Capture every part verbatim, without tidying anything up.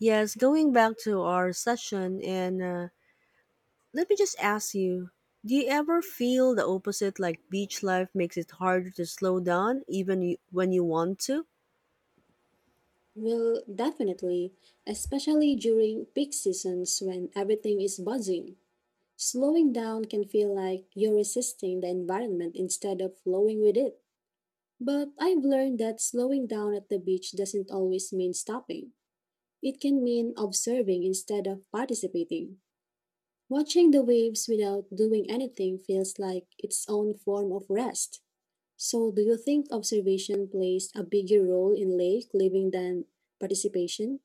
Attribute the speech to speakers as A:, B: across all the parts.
A: Yes, going back to our session, and uh, let me just ask you, do you ever feel the opposite, like beach life makes it harder to slow down even you, when you want to?
B: Well, definitely, especially during peak seasons when everything is buzzing. Slowing down can feel like you're resisting the environment instead of flowing with it. But I've learned that slowing down at the beach doesn't always mean stopping. It can mean observing instead of participating. Watching the waves without doing anything feels like its own form of rest. So, do you think observation plays a bigger role in lake living than participation?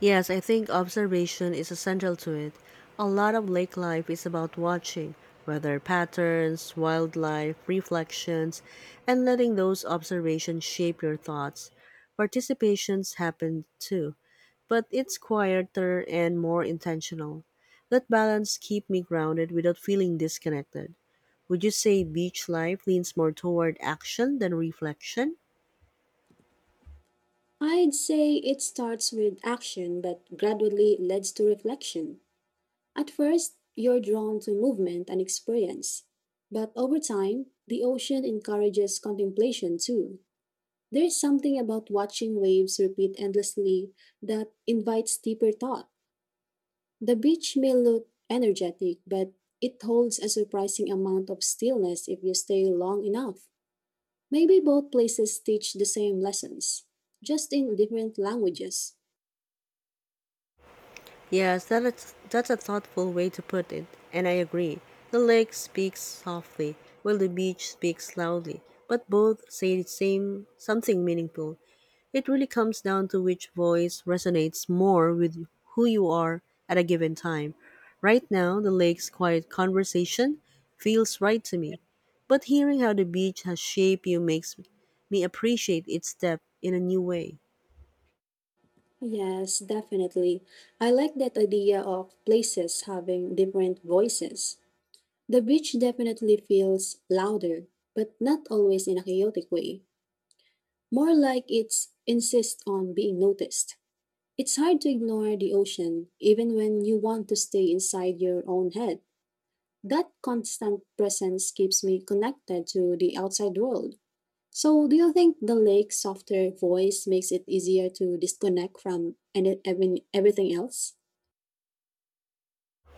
A: Yes, I think observation is essential to it. A lot of lake life is about watching weather patterns, wildlife, reflections, and letting those observations shape your thoughts. Participations happen too, but it's quieter and more intentional. That balance keep me grounded without feeling disconnected. Would you say beach life leans more toward action than reflection?
B: I'd say it starts with action but gradually leads to reflection. At first, you're drawn to movement and experience, but over time, the ocean encourages contemplation too. There's something about watching waves repeat endlessly that invites deeper thought. The beach may look energetic, but it holds a surprising amount of stillness if you stay long enough. Maybe both places teach the same lessons, just in different languages.
A: Yes, that is, that's a thoughtful way to put it, and I agree. The lake speaks softly, while the beach speaks loudly, but both say the same something meaningful. It really comes down to which voice resonates more with who you are at a given time. Right now, the lake's quiet conversation feels right to me, but hearing how the beach has shaped you makes me appreciate its depth in a new way.
B: Yes, definitely. I like that idea of places having different voices. The beach definitely feels louder, but not always in a chaotic way. More like it's insists on being noticed. It's hard to ignore the ocean even when you want to stay inside your own head. That constant presence keeps me connected to the outside world. So, do you think the lake's softer voice makes it easier to disconnect from any, every- everything else?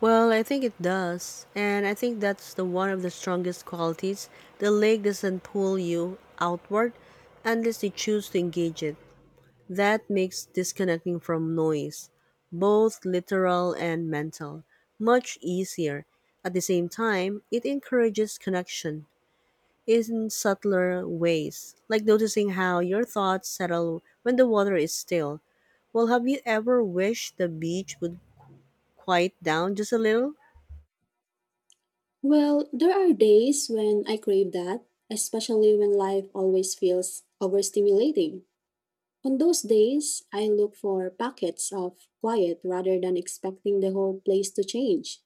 A: Well, I think it does. And I think that's the one of the strongest qualities. The lake doesn't pull you outward unless you choose to engage it. That makes disconnecting from noise, both literal and mental, much easier. At the same time, it encourages connection in subtler ways, like noticing how your thoughts settle when the water is still. Well, have you ever wished the beach would quiet down just a little?
B: Well, there are days when I crave that, especially when life always feels overstimulating. On those days, I look for pockets of quiet rather than expecting the whole place to change.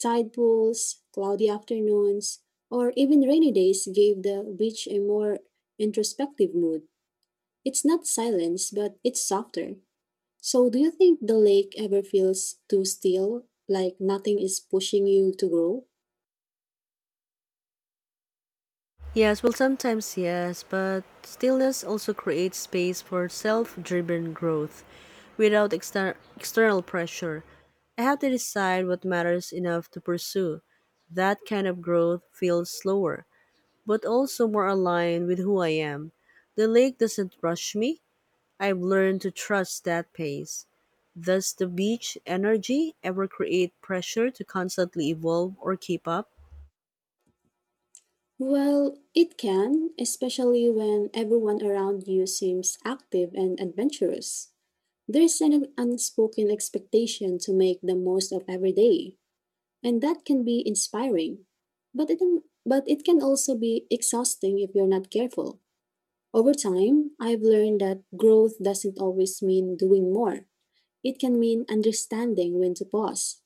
B: Tide pools, cloudy afternoons, or even rainy days gave the beach a more introspective mood. It's not silence, but it's softer. So, do you think the lake ever feels too still, like nothing is pushing you to grow?
A: Yes, well, sometimes yes, but stillness also creates space for self driven growth without exter- external pressure. I have to decide what matters enough to pursue. That kind of growth feels slower, but also more aligned with who I am. The lake doesn't rush me. I've learned to trust that pace. Does the beach energy ever create pressure to constantly evolve or keep up?
B: Well, it can, especially when everyone around you seems active and adventurous. There's an unspoken expectation to make the most of every day, and that can be inspiring. But it, but it can also be exhausting if you're not careful. Over time, I've learned that growth doesn't always mean doing more. It can mean understanding when to pause.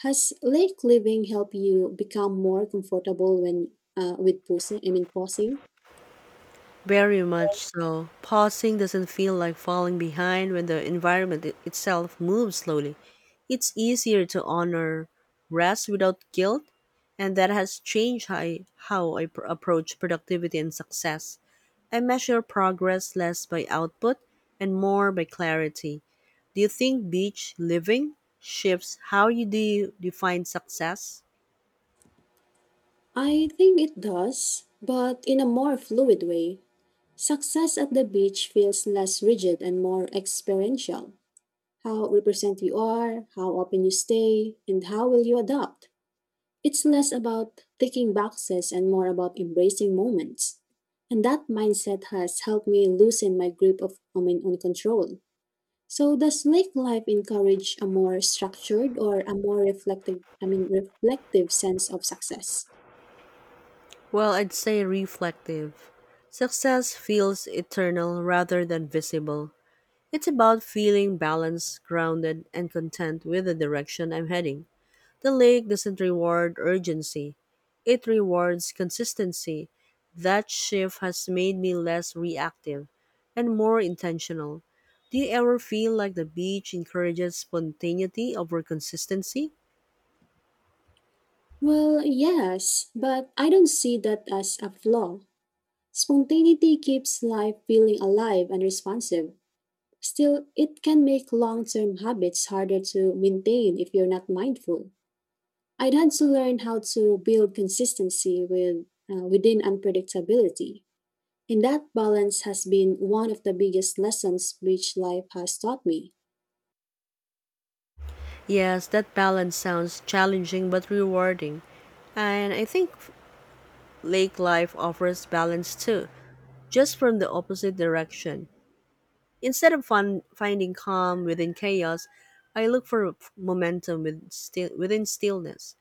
B: Has lake living helped you become more comfortable when uh, with pausing? I mean pausing?
A: Very much so. Pausing doesn't feel like falling behind when the environment i- itself moves slowly. It's easier to honor rest without guilt, and that has changed how I, how I pr- approach productivity and success. I measure progress less by output and more by clarity. Do you think beach living shifts how you de- define success?
B: I think it does, but in a more fluid way. Success at the beach feels less rigid and more experiential. How represent you are, how open you stay, and how will you adapt. It's less about ticking boxes and more about embracing moments. And that mindset has helped me loosen my grip of I mean, on control. So does lake life encourage a more structured or a more reflective I mean reflective sense of success?
A: Well, I'd say reflective. Success feels eternal rather than visible. It's about feeling balanced, grounded, and content with the direction I'm heading. The lake doesn't reward urgency, it rewards consistency. That shift has made me less reactive and more intentional. Do you ever feel like the beach encourages spontaneity over consistency?
B: Well, yes, but I don't see that as a flaw. Spontaneity keeps life feeling alive and responsive. Still, it can make long term habits harder to maintain if you're not mindful. I'd had to learn how to build consistency with, uh, within unpredictability. And that balance has been one of the biggest lessons which life has taught me.
A: Yes, that balance sounds challenging but rewarding. And I think lake life offers balance too, just from the opposite direction. Instead of fun, finding calm within chaos, I look for momentum with still, within stillness.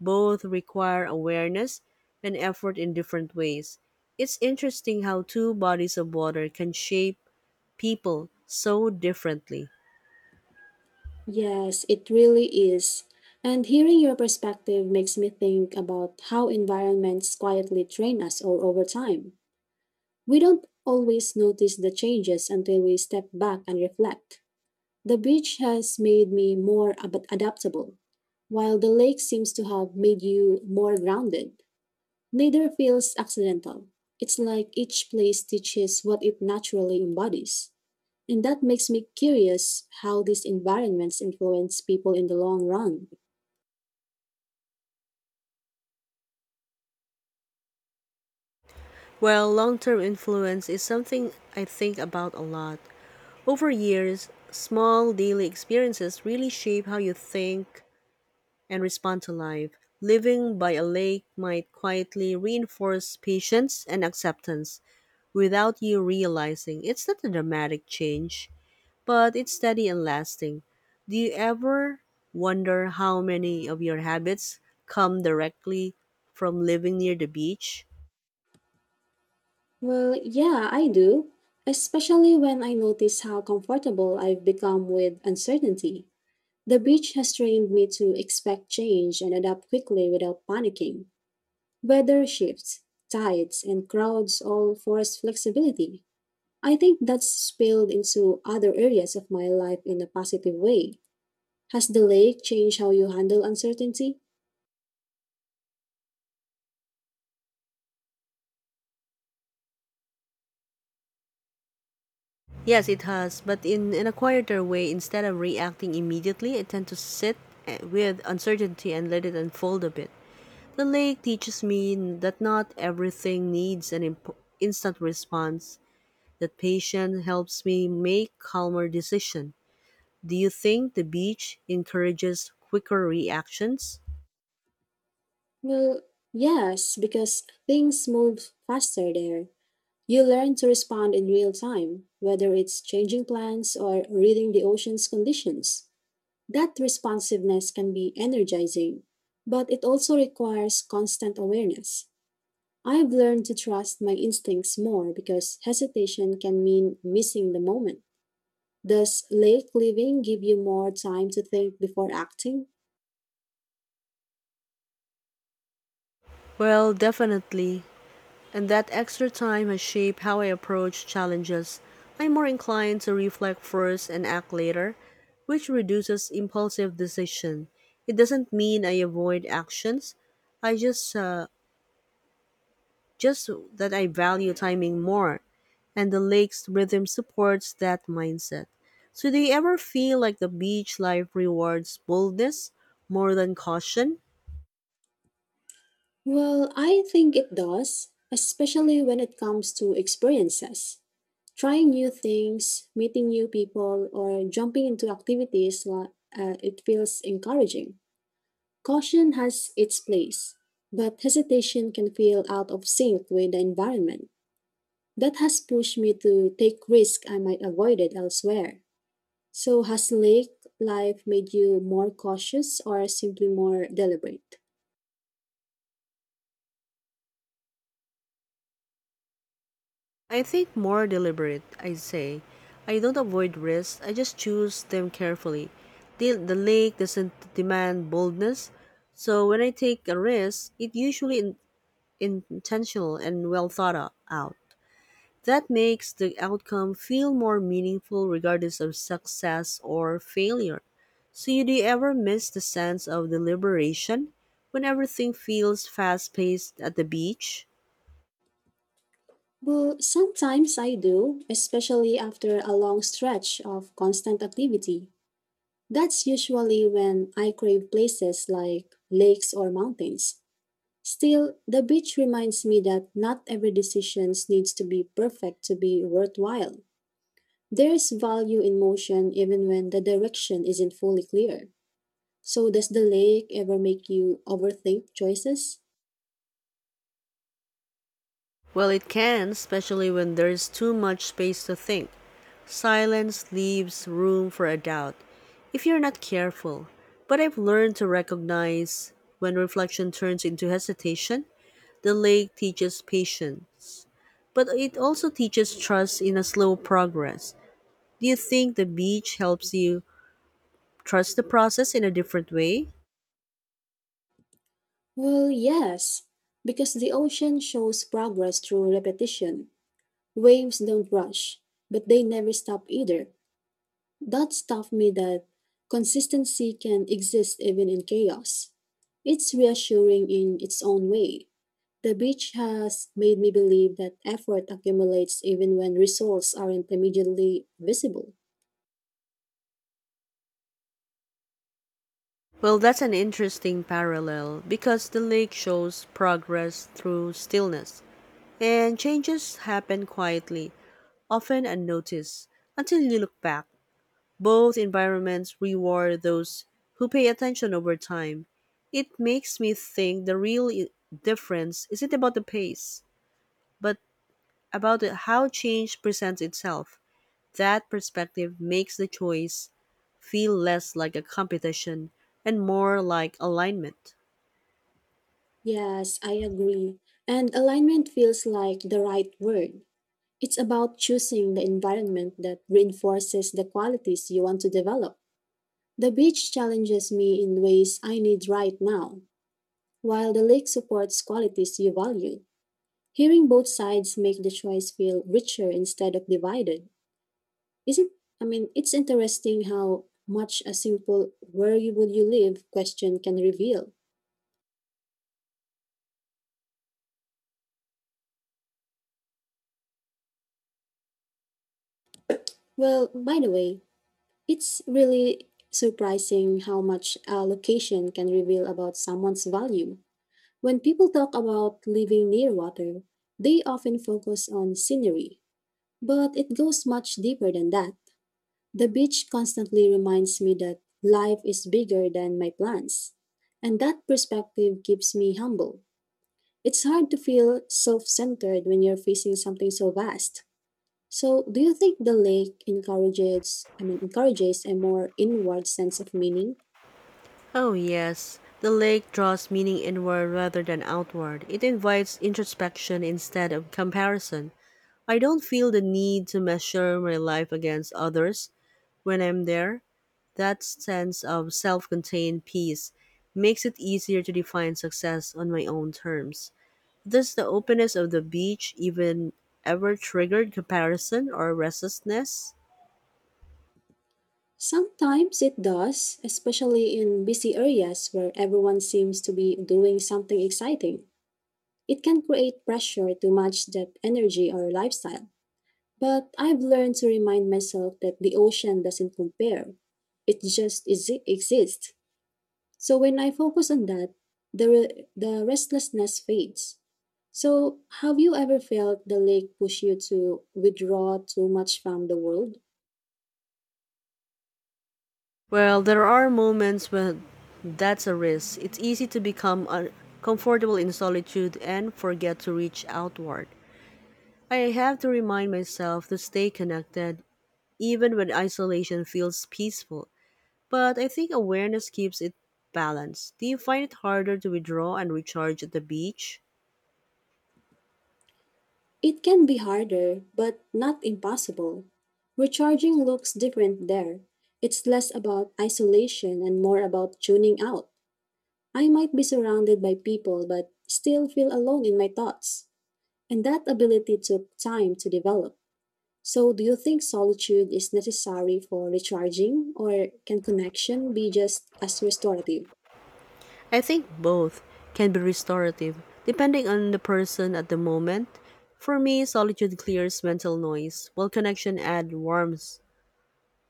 A: Both require awareness and effort in different ways. It's interesting how two bodies of water can shape people so differently.
B: Yes, it really is. And hearing your perspective makes me think about how environments quietly train us all over time. We don't always notice the changes until we step back and reflect. The beach has made me more ab- adaptable, while the lake seems to have made you more grounded. Neither feels accidental. It's like each place teaches what it naturally embodies. And that makes me curious how these environments influence people in the long run.
A: Well, long term influence is something I think about a lot. Over years, small daily experiences really shape how you think, and respond to life. Living by a lake might quietly reinforce patience and acceptance without you realizing it's not a dramatic change, but it's steady and lasting. Do you ever wonder how many of your habits come directly from living near the beach?
B: Well, yeah, I do, especially when I notice how comfortable I've become with uncertainty. The beach has trained me to expect change and adapt quickly without panicking. Weather shifts, tides, and crowds all force flexibility. I think that's spilled into other areas of my life in a positive way. Has the lake changed how you handle uncertainty?
A: Yes, it has, but in, in a quieter way. Instead of reacting immediately, I tend to sit eh, with uncertainty and let it unfold a bit. The lake teaches me that not everything needs an imp- instant response, that patience helps me make calmer decisions. Do you think the beach encourages quicker reactions?
B: Well, yes, because things move faster there. You learn to respond in real time, whether it's changing plans or reading the ocean's conditions. That responsiveness can be energizing, but it also requires constant awareness. I've learned to trust my instincts more because hesitation can mean missing the moment. Does lake living give you more time to think before acting?
A: Well, definitely. And that extra time has shaped how I approach challenges. I'm more inclined to reflect first and act later, which reduces impulsive decision. It doesn't mean I avoid actions. I just uh, just that I value timing more, and the lake's rhythm supports that mindset. So, do you ever feel like the beach life rewards boldness more than caution?
B: Well, I think it does, especially when it comes to experiences. Trying new things, meeting new people, or jumping into activities, wa- uh, it feels encouraging. Caution has its place, but hesitation can feel out of sync with the environment. That has pushed me to take risks I might avoided elsewhere. So, has lake life made you more cautious or simply more deliberate?
A: I think more deliberate, I'd say. I don't avoid risks, I just choose them carefully. The, the lake doesn't demand boldness, so when I take a risk, it usually in, intentional and well thought out. That makes the outcome feel more meaningful regardless of success or failure. So, you do you ever miss the sense of the liberation when everything feels fast paced at the beach?
B: But sometimes I do, especially after a long stretch of constant activity. That's usually when I crave places like lakes or mountains. Still, the beach reminds me that not every decision needs to be perfect to be worthwhile. There's value in motion even when the direction isn't fully clear. So, does the lake ever make you overthink choices?
A: Well, it can, especially when there's too much space to think. Silence leaves room for a doubt if you're not careful. But I've learned to recognize when reflection turns into hesitation. The lake teaches patience, but it also teaches trust in a slow progress. Do you think the beach helps you trust the process in a different way?
B: Well, yes, because the ocean shows progress through repetition. Waves don't rush, but they never stop either. That's taught me that consistency can exist even in chaos. It's reassuring in its own way. The beach has made me believe that effort accumulates even when results aren't immediately visible.
A: Well, that's an interesting parallel, because the lake shows progress through stillness, and changes happen quietly, often unnoticed, until you look back. Both environments reward those who pay attention over time. It makes me think the real i- difference isn't about the pace, but about the- how change presents itself. That perspective makes the choice feel less like a competition and more like alignment.
B: Yes, I agree. And alignment feels like the right word. It's about choosing the environment that reinforces the qualities you want to develop. The beach challenges me in ways I need right now, while the lake supports qualities you value. Hearing both sides make the choice feel richer instead of divided. Isn't I mean, It's interesting how much a simple where you would you live question can reveal. Well, by the way, it's really surprising how much a location can reveal about someone's value. When people talk about living near water, they often focus on scenery, but it goes much deeper than that. The beach constantly reminds me that life is bigger than my plans. And that perspective keeps me humble. It's hard to feel self centered when you're facing something so vast. So, do you think the lake encourages, I mean, encourages a more inward sense of meaning?
A: Oh, yes, the lake draws meaning inward rather than outward. It invites introspection instead of comparison. I don't feel the need to measure my life against others when I'm there. That sense of self contained peace makes it easier to define success on my own terms. Does the openness of the beach even ever triggered comparison or restlessness?
B: Sometimes it does, especially in busy areas where everyone seems to be doing something exciting. It can create pressure to match that energy or lifestyle. But I've learned to remind myself that the ocean doesn't compare. It just exi- exists. So when I focus on that, the, re- the restlessness fades. So, have you ever felt the lake push you to withdraw too much from the world?
A: Well, there are moments when that's a risk. It's easy to become un- comfortable in solitude and forget to reach outward. I have to remind myself to stay connected even when isolation feels peaceful. But I think awareness keeps it balanced. Do you find it harder to withdraw and recharge at the beach?
B: It can be harder, but not impossible. Recharging looks different there. It's less about isolation and more about tuning out. I might be surrounded by people, but still feel alone in my thoughts. And that ability took time to develop. So, do you think solitude is necessary for recharging, or can connection be just as restorative?
A: I think both can be restorative, depending on the person at the moment. For me, solitude clears mental noise, while connection adds warmth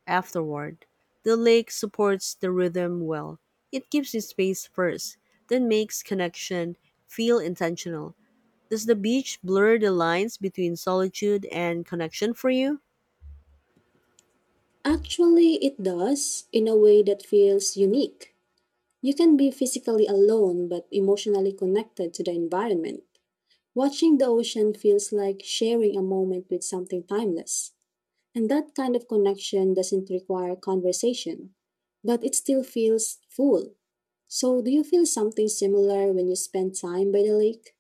A: afterward. The lake supports the rhythm well. It gives you space first, then makes connection feel intentional. Does the beach blur the lines between solitude and connection for you?
B: Actually, it does in a way that feels unique. You can be physically alone but emotionally connected to the environment. Watching the ocean feels like sharing a moment with something timeless. And that kind of connection doesn't require conversation, but it still feels full. So, do you feel something similar when you spend time by the lake?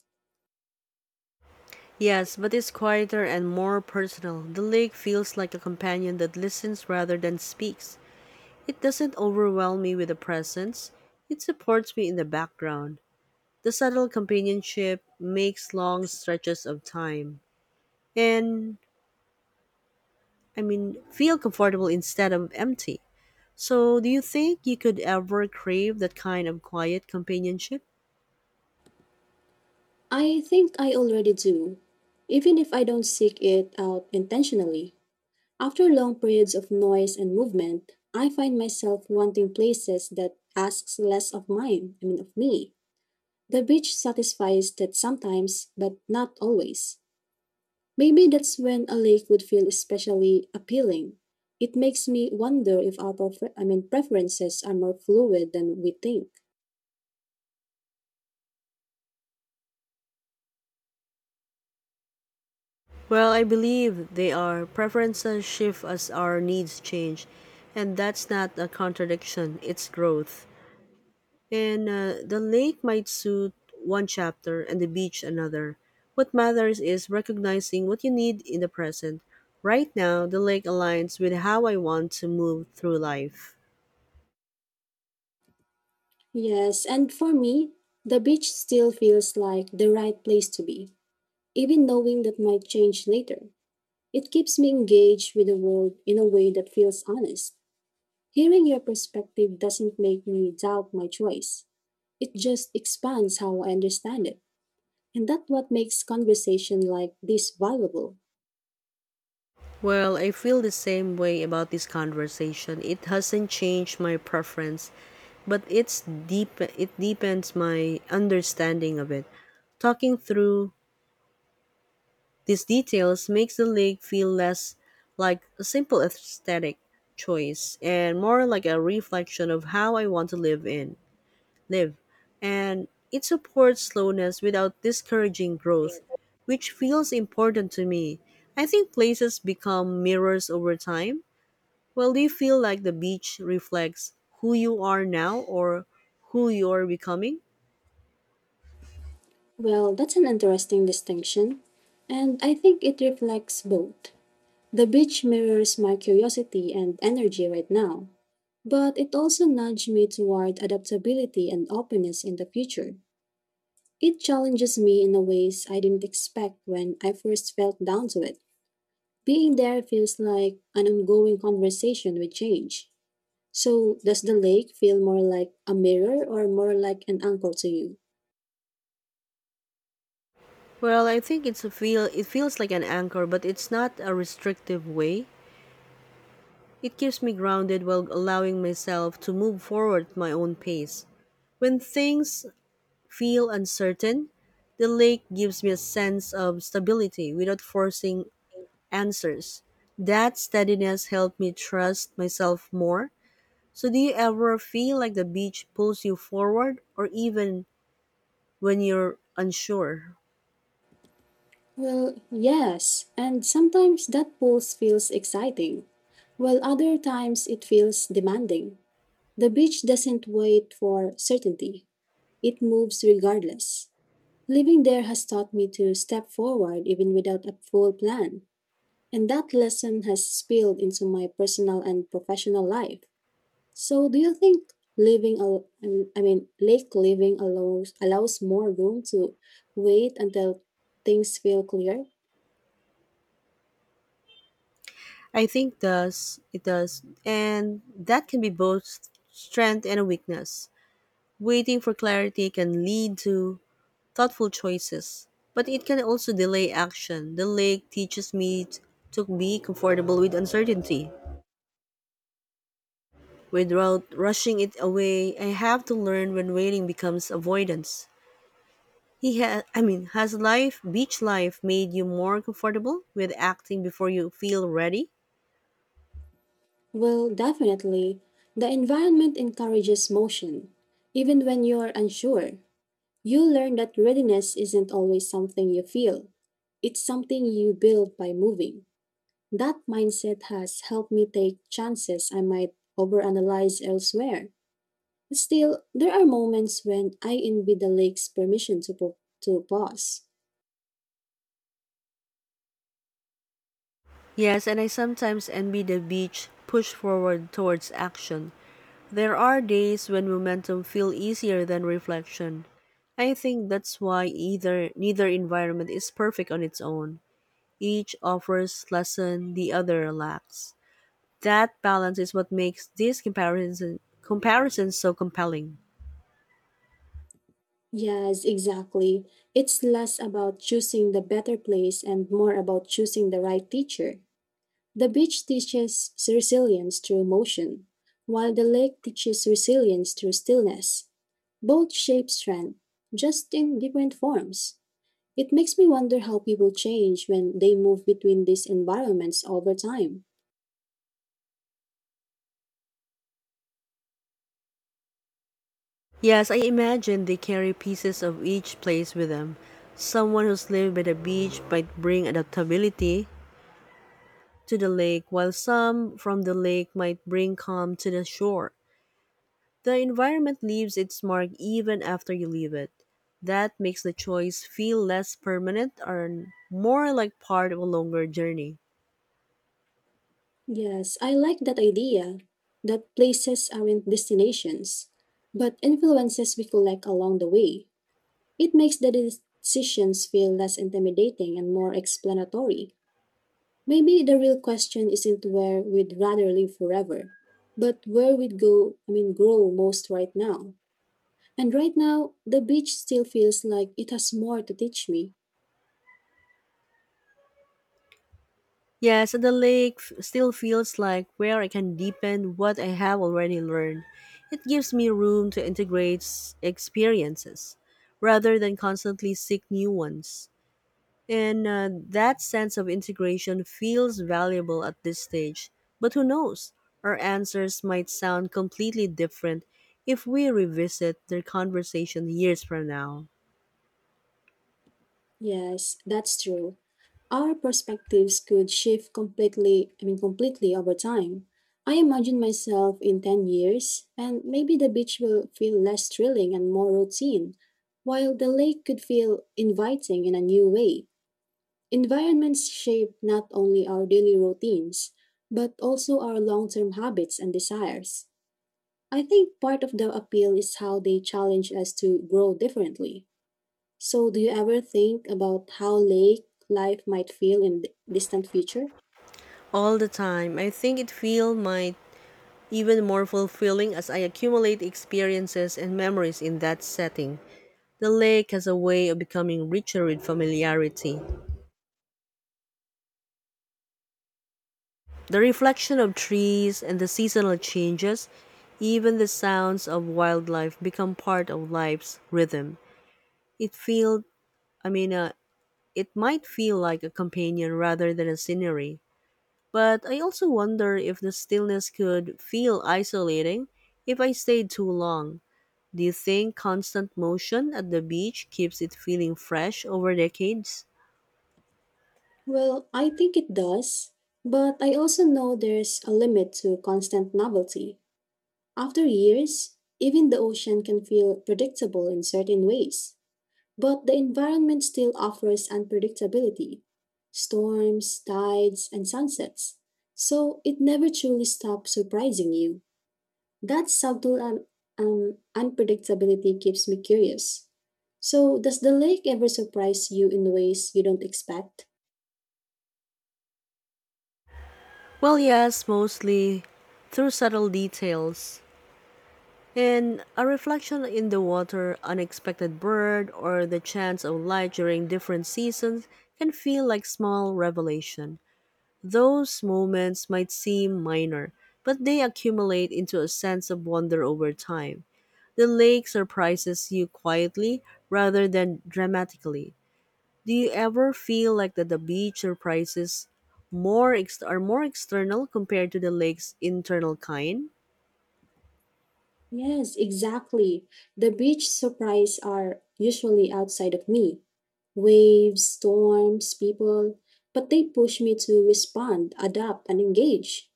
A: Yes, but it's quieter and more personal. The lake feels like a companion that listens rather than speaks. It doesn't overwhelm me with a presence, it supports me in the background. The subtle companionship makes long stretches of time and, I mean, feel comfortable instead of empty. So, do you think you could ever crave that kind of quiet companionship?
B: I think I already do, even if I don't seek it out intentionally. After long periods of noise and movement, I find myself wanting places that asks less of mine, I mean of me. The beach satisfies that sometimes, but not always. Maybe that's when a lake would feel especially appealing. It makes me wonder if our prefer- I mean preferences are more fluid than we think.
A: Well, I believe they are. Preferences shift as our needs change, and that's not a contradiction, it's growth. And uh, The lake might suit one chapter and the beach another. What matters is recognizing what you need in the present. Right now, the lake aligns with how I want to move through life.
B: Yes, and for me, the beach still feels like the right place to be, even knowing that might change later. It keeps me engaged with the world in a way that feels honest. Hearing your perspective doesn't make me doubt my choice. It just expands how I understand it, and that's what makes conversation like this valuable.
A: Well, I feel the same way about this conversation. It hasn't changed my preference, but it's deep it deepens my understanding of it. Talking through these details makes the lake feel less like a simple aesthetic choice and more like a reflection of how I want to live in live. And it supports slowness without discouraging growth, which feels important to me. I think places become mirrors over time. Well, do you feel like the beach reflects who you are now or who you are becoming?
B: Well, that's an interesting distinction, and I think it reflects both. The beach mirrors my curiosity and energy right now, but it also nudged me toward adaptability and openness in the future. It challenges me in a ways I didn't expect when I first felt down to it. Being there feels like an ongoing conversation with change. So, does the lake feel more like a mirror or more like an anchor to you?
A: Well, I think it's a feel it feels like an anchor, but it's not a restrictive way. It keeps me grounded while allowing myself to move forward at my own pace. When things feel uncertain, the lake gives me a sense of stability without forcing answers. That steadiness helped me trust myself more. So, do you ever feel like the beach pulls you forward, or even when you're unsure?
B: Well, yes, and sometimes that pulse feels exciting, while other times it feels demanding. The beach doesn't wait for certainty, it moves regardless. Living there has taught me to step forward even without a full plan, and that lesson has spilled into my personal and professional life. So, do you think living, al- I mean, I mean, lake living allows allows more room to wait until things feel clear?
A: I think does it does, and that can be both strength and a weakness. Waiting for clarity can lead to thoughtful choices. But it can also delay action. The lake teaches me t- to be comfortable with uncertainty. Without rushing it away, I have to learn when waiting becomes avoidance. He ha- I mean, has life, beach life, made you more comfortable with acting before you feel ready?
B: Well, definitely. The environment encourages motion, even when you are unsure. You learn that readiness isn't always something you feel; it's something you build by moving. That mindset has helped me take chances I might overanalyze elsewhere. Still, there are moments when I envy the lake's permission to, po- to pause.
A: Yes, and I sometimes envy the beach push forward towards action. There are days when momentum feel easier than reflection. I think that's why either neither environment is perfect on its own. Each offers lesson the other lacks. That balance is what makes these comparisons comparisons so compelling.
B: Yes, exactly. It's less about choosing the better place and more about choosing the right teacher. The beach teaches resilience through motion, while the lake teaches resilience through stillness. Both shape strength, just in different forms. It makes me wonder how people change when they move between these environments over time.
A: Yes, I imagine they carry pieces of each place with them. Someone who's lived by the beach might bring adaptability to the lake, while some from the lake might bring calm to the shore. The environment leaves its mark even after you leave it. That makes the choice feel less permanent or more like part of a longer journey.
B: Yes, I like that idea that places aren't destinations, but influences we collect along the way. It makes the decisions feel less intimidating and more explanatory. Maybe the real question isn't where we'd rather live forever, but where we'd go, I mean, grow most right now. And right now, the beach still feels like it has more to teach me.
A: Yes, and the lake f- still feels like where I can deepen what I have already learned. It gives me room to integrate s- experiences rather than constantly seek new ones. And uh, That sense of integration feels valuable at this stage. But who knows? Our answers might sound completely different if we revisit their conversation years from now.
B: Yes, that's true. Our perspectives could shift completely, I mean, completely over time. I imagine myself in ten years, and maybe the beach will feel less thrilling and more routine, while the lake could feel inviting in a new way. Environments shape not only our daily routines, but also our long term habits and desires. I think part of the appeal is how they challenge us to grow differently. So, do you ever think about how lake life might feel in the distant future?
A: All the time. I think it feel might even more fulfilling as I accumulate experiences and memories in that setting. The lake has a way of becoming richer with familiarity. The reflection of trees and the seasonal changes, even the sounds of wildlife become part of life's rhythm. It feel, I mean, uh, it might feel like a companion rather than a scenery. But I also wonder if the stillness could feel isolating if I stayed too long. Do you think constant motion at the beach keeps it feeling fresh over decades?
B: Well, I think it does, but I also know there's a limit to constant novelty. After years, even the ocean can feel predictable in certain ways, but the environment still offers unpredictability storms, tides, and sunsets. So, it never truly stops surprising you. That subtle un- um, unpredictability keeps me curious. So, does the lake ever surprise you in ways you don't expect?
A: Well, yes, mostly through subtle details. And a reflection in the water, unexpected bird, or the chance of light during different seasons can feel like small revelation. Those moments might seem minor, but they accumulate into a sense of wonder over time. The lake surprises you quietly rather than dramatically. Do you ever feel like that the beach surprises more ex- are more external compared to the lake's internal kind?
B: Yes, exactly. The beach surprise are usually outside of me. Waves, storms, people, but they push me to respond, adapt, and engage.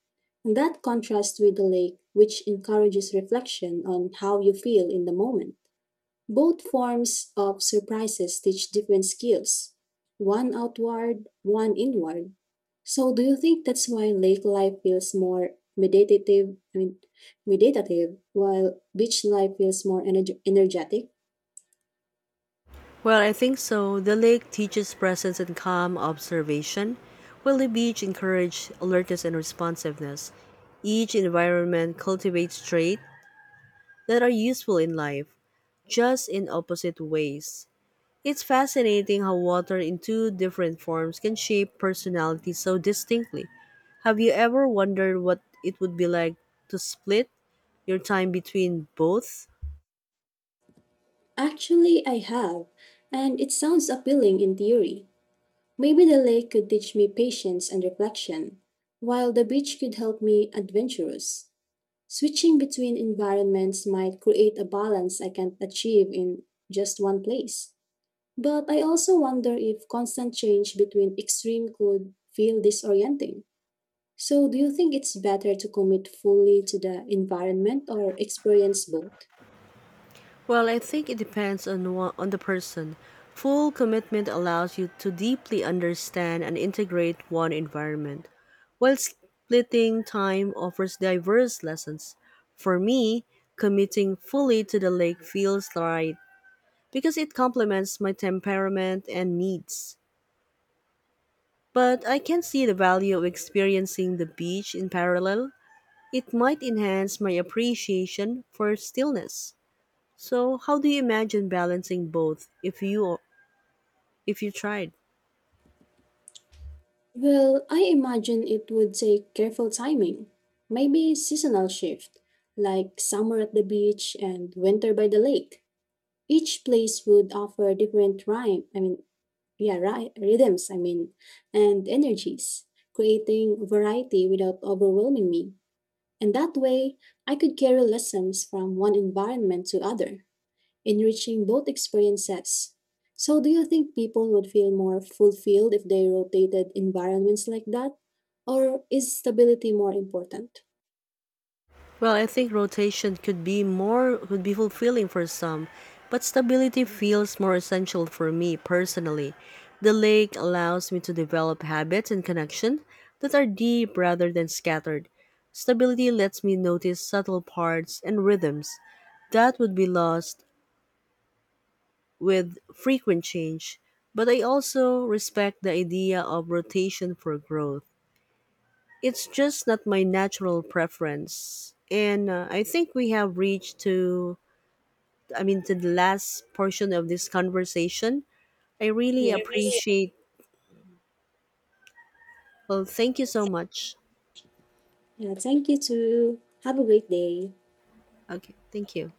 B: And that contrasts with the lake, which encourages reflection on how you feel in the moment. Both forms of surprises teach different skills, one outward, one inward. So, do you think that's why lake life feels more meditative, I mean, meditative, while beach life feels more energ- energetic?
A: Well, I think so. The lake teaches presence and calm observation, while the beach encourages alertness and responsiveness. Each environment cultivates traits that are useful in life, just in opposite ways. It's fascinating how water in two different forms can shape personality so distinctly. Have you ever wondered what it would be like to split your time between both?
B: Actually, I have, and it sounds appealing in theory. Maybe the lake could teach me patience and reflection, while the beach could help me adventurous. Switching between environments might create a balance I can't achieve in just one place. But I also wonder if constant change between extreme could feel disorienting. So, do you think it's better to commit fully to the environment or experience both?
A: Well, I think it depends on wha- on the person. Full commitment allows you to deeply understand and integrate one environment, while splitting time offers diverse lessons. For me, committing fully to the lake feels right because it complements my temperament and needs. But I can see the value of experiencing the beach in parallel. It might enhance my appreciation for stillness. So, how do you imagine balancing both if you if you tried?
B: Well, I imagine it would take careful timing. Maybe seasonal shift, like summer at the beach and winter by the lake. Each place would offer different rhyme, I mean yeah, right, rhythms, I mean, and energies, creating variety without overwhelming me. And that way, I could carry lessons from one environment to other, enriching both experiences. So, do you think people would feel more fulfilled if they rotated environments like that? Or is stability more important?
A: Well, I think rotation could be more could be fulfilling for some, but stability feels more essential for me personally. The lake allows me to develop habits and connection that are deep rather than scattered. Stability lets me notice subtle parts and rhythms that would be lost with frequent change. But I also respect the idea of rotation for growth. It's just not my natural preference. And uh, I think we have reached to I mean to the last portion of this conversation. I really
B: Yeah. I really
A: appreciate, well, thank you so much.
B: Yeah, thank you too. Have a great day.
A: Okay, thank you.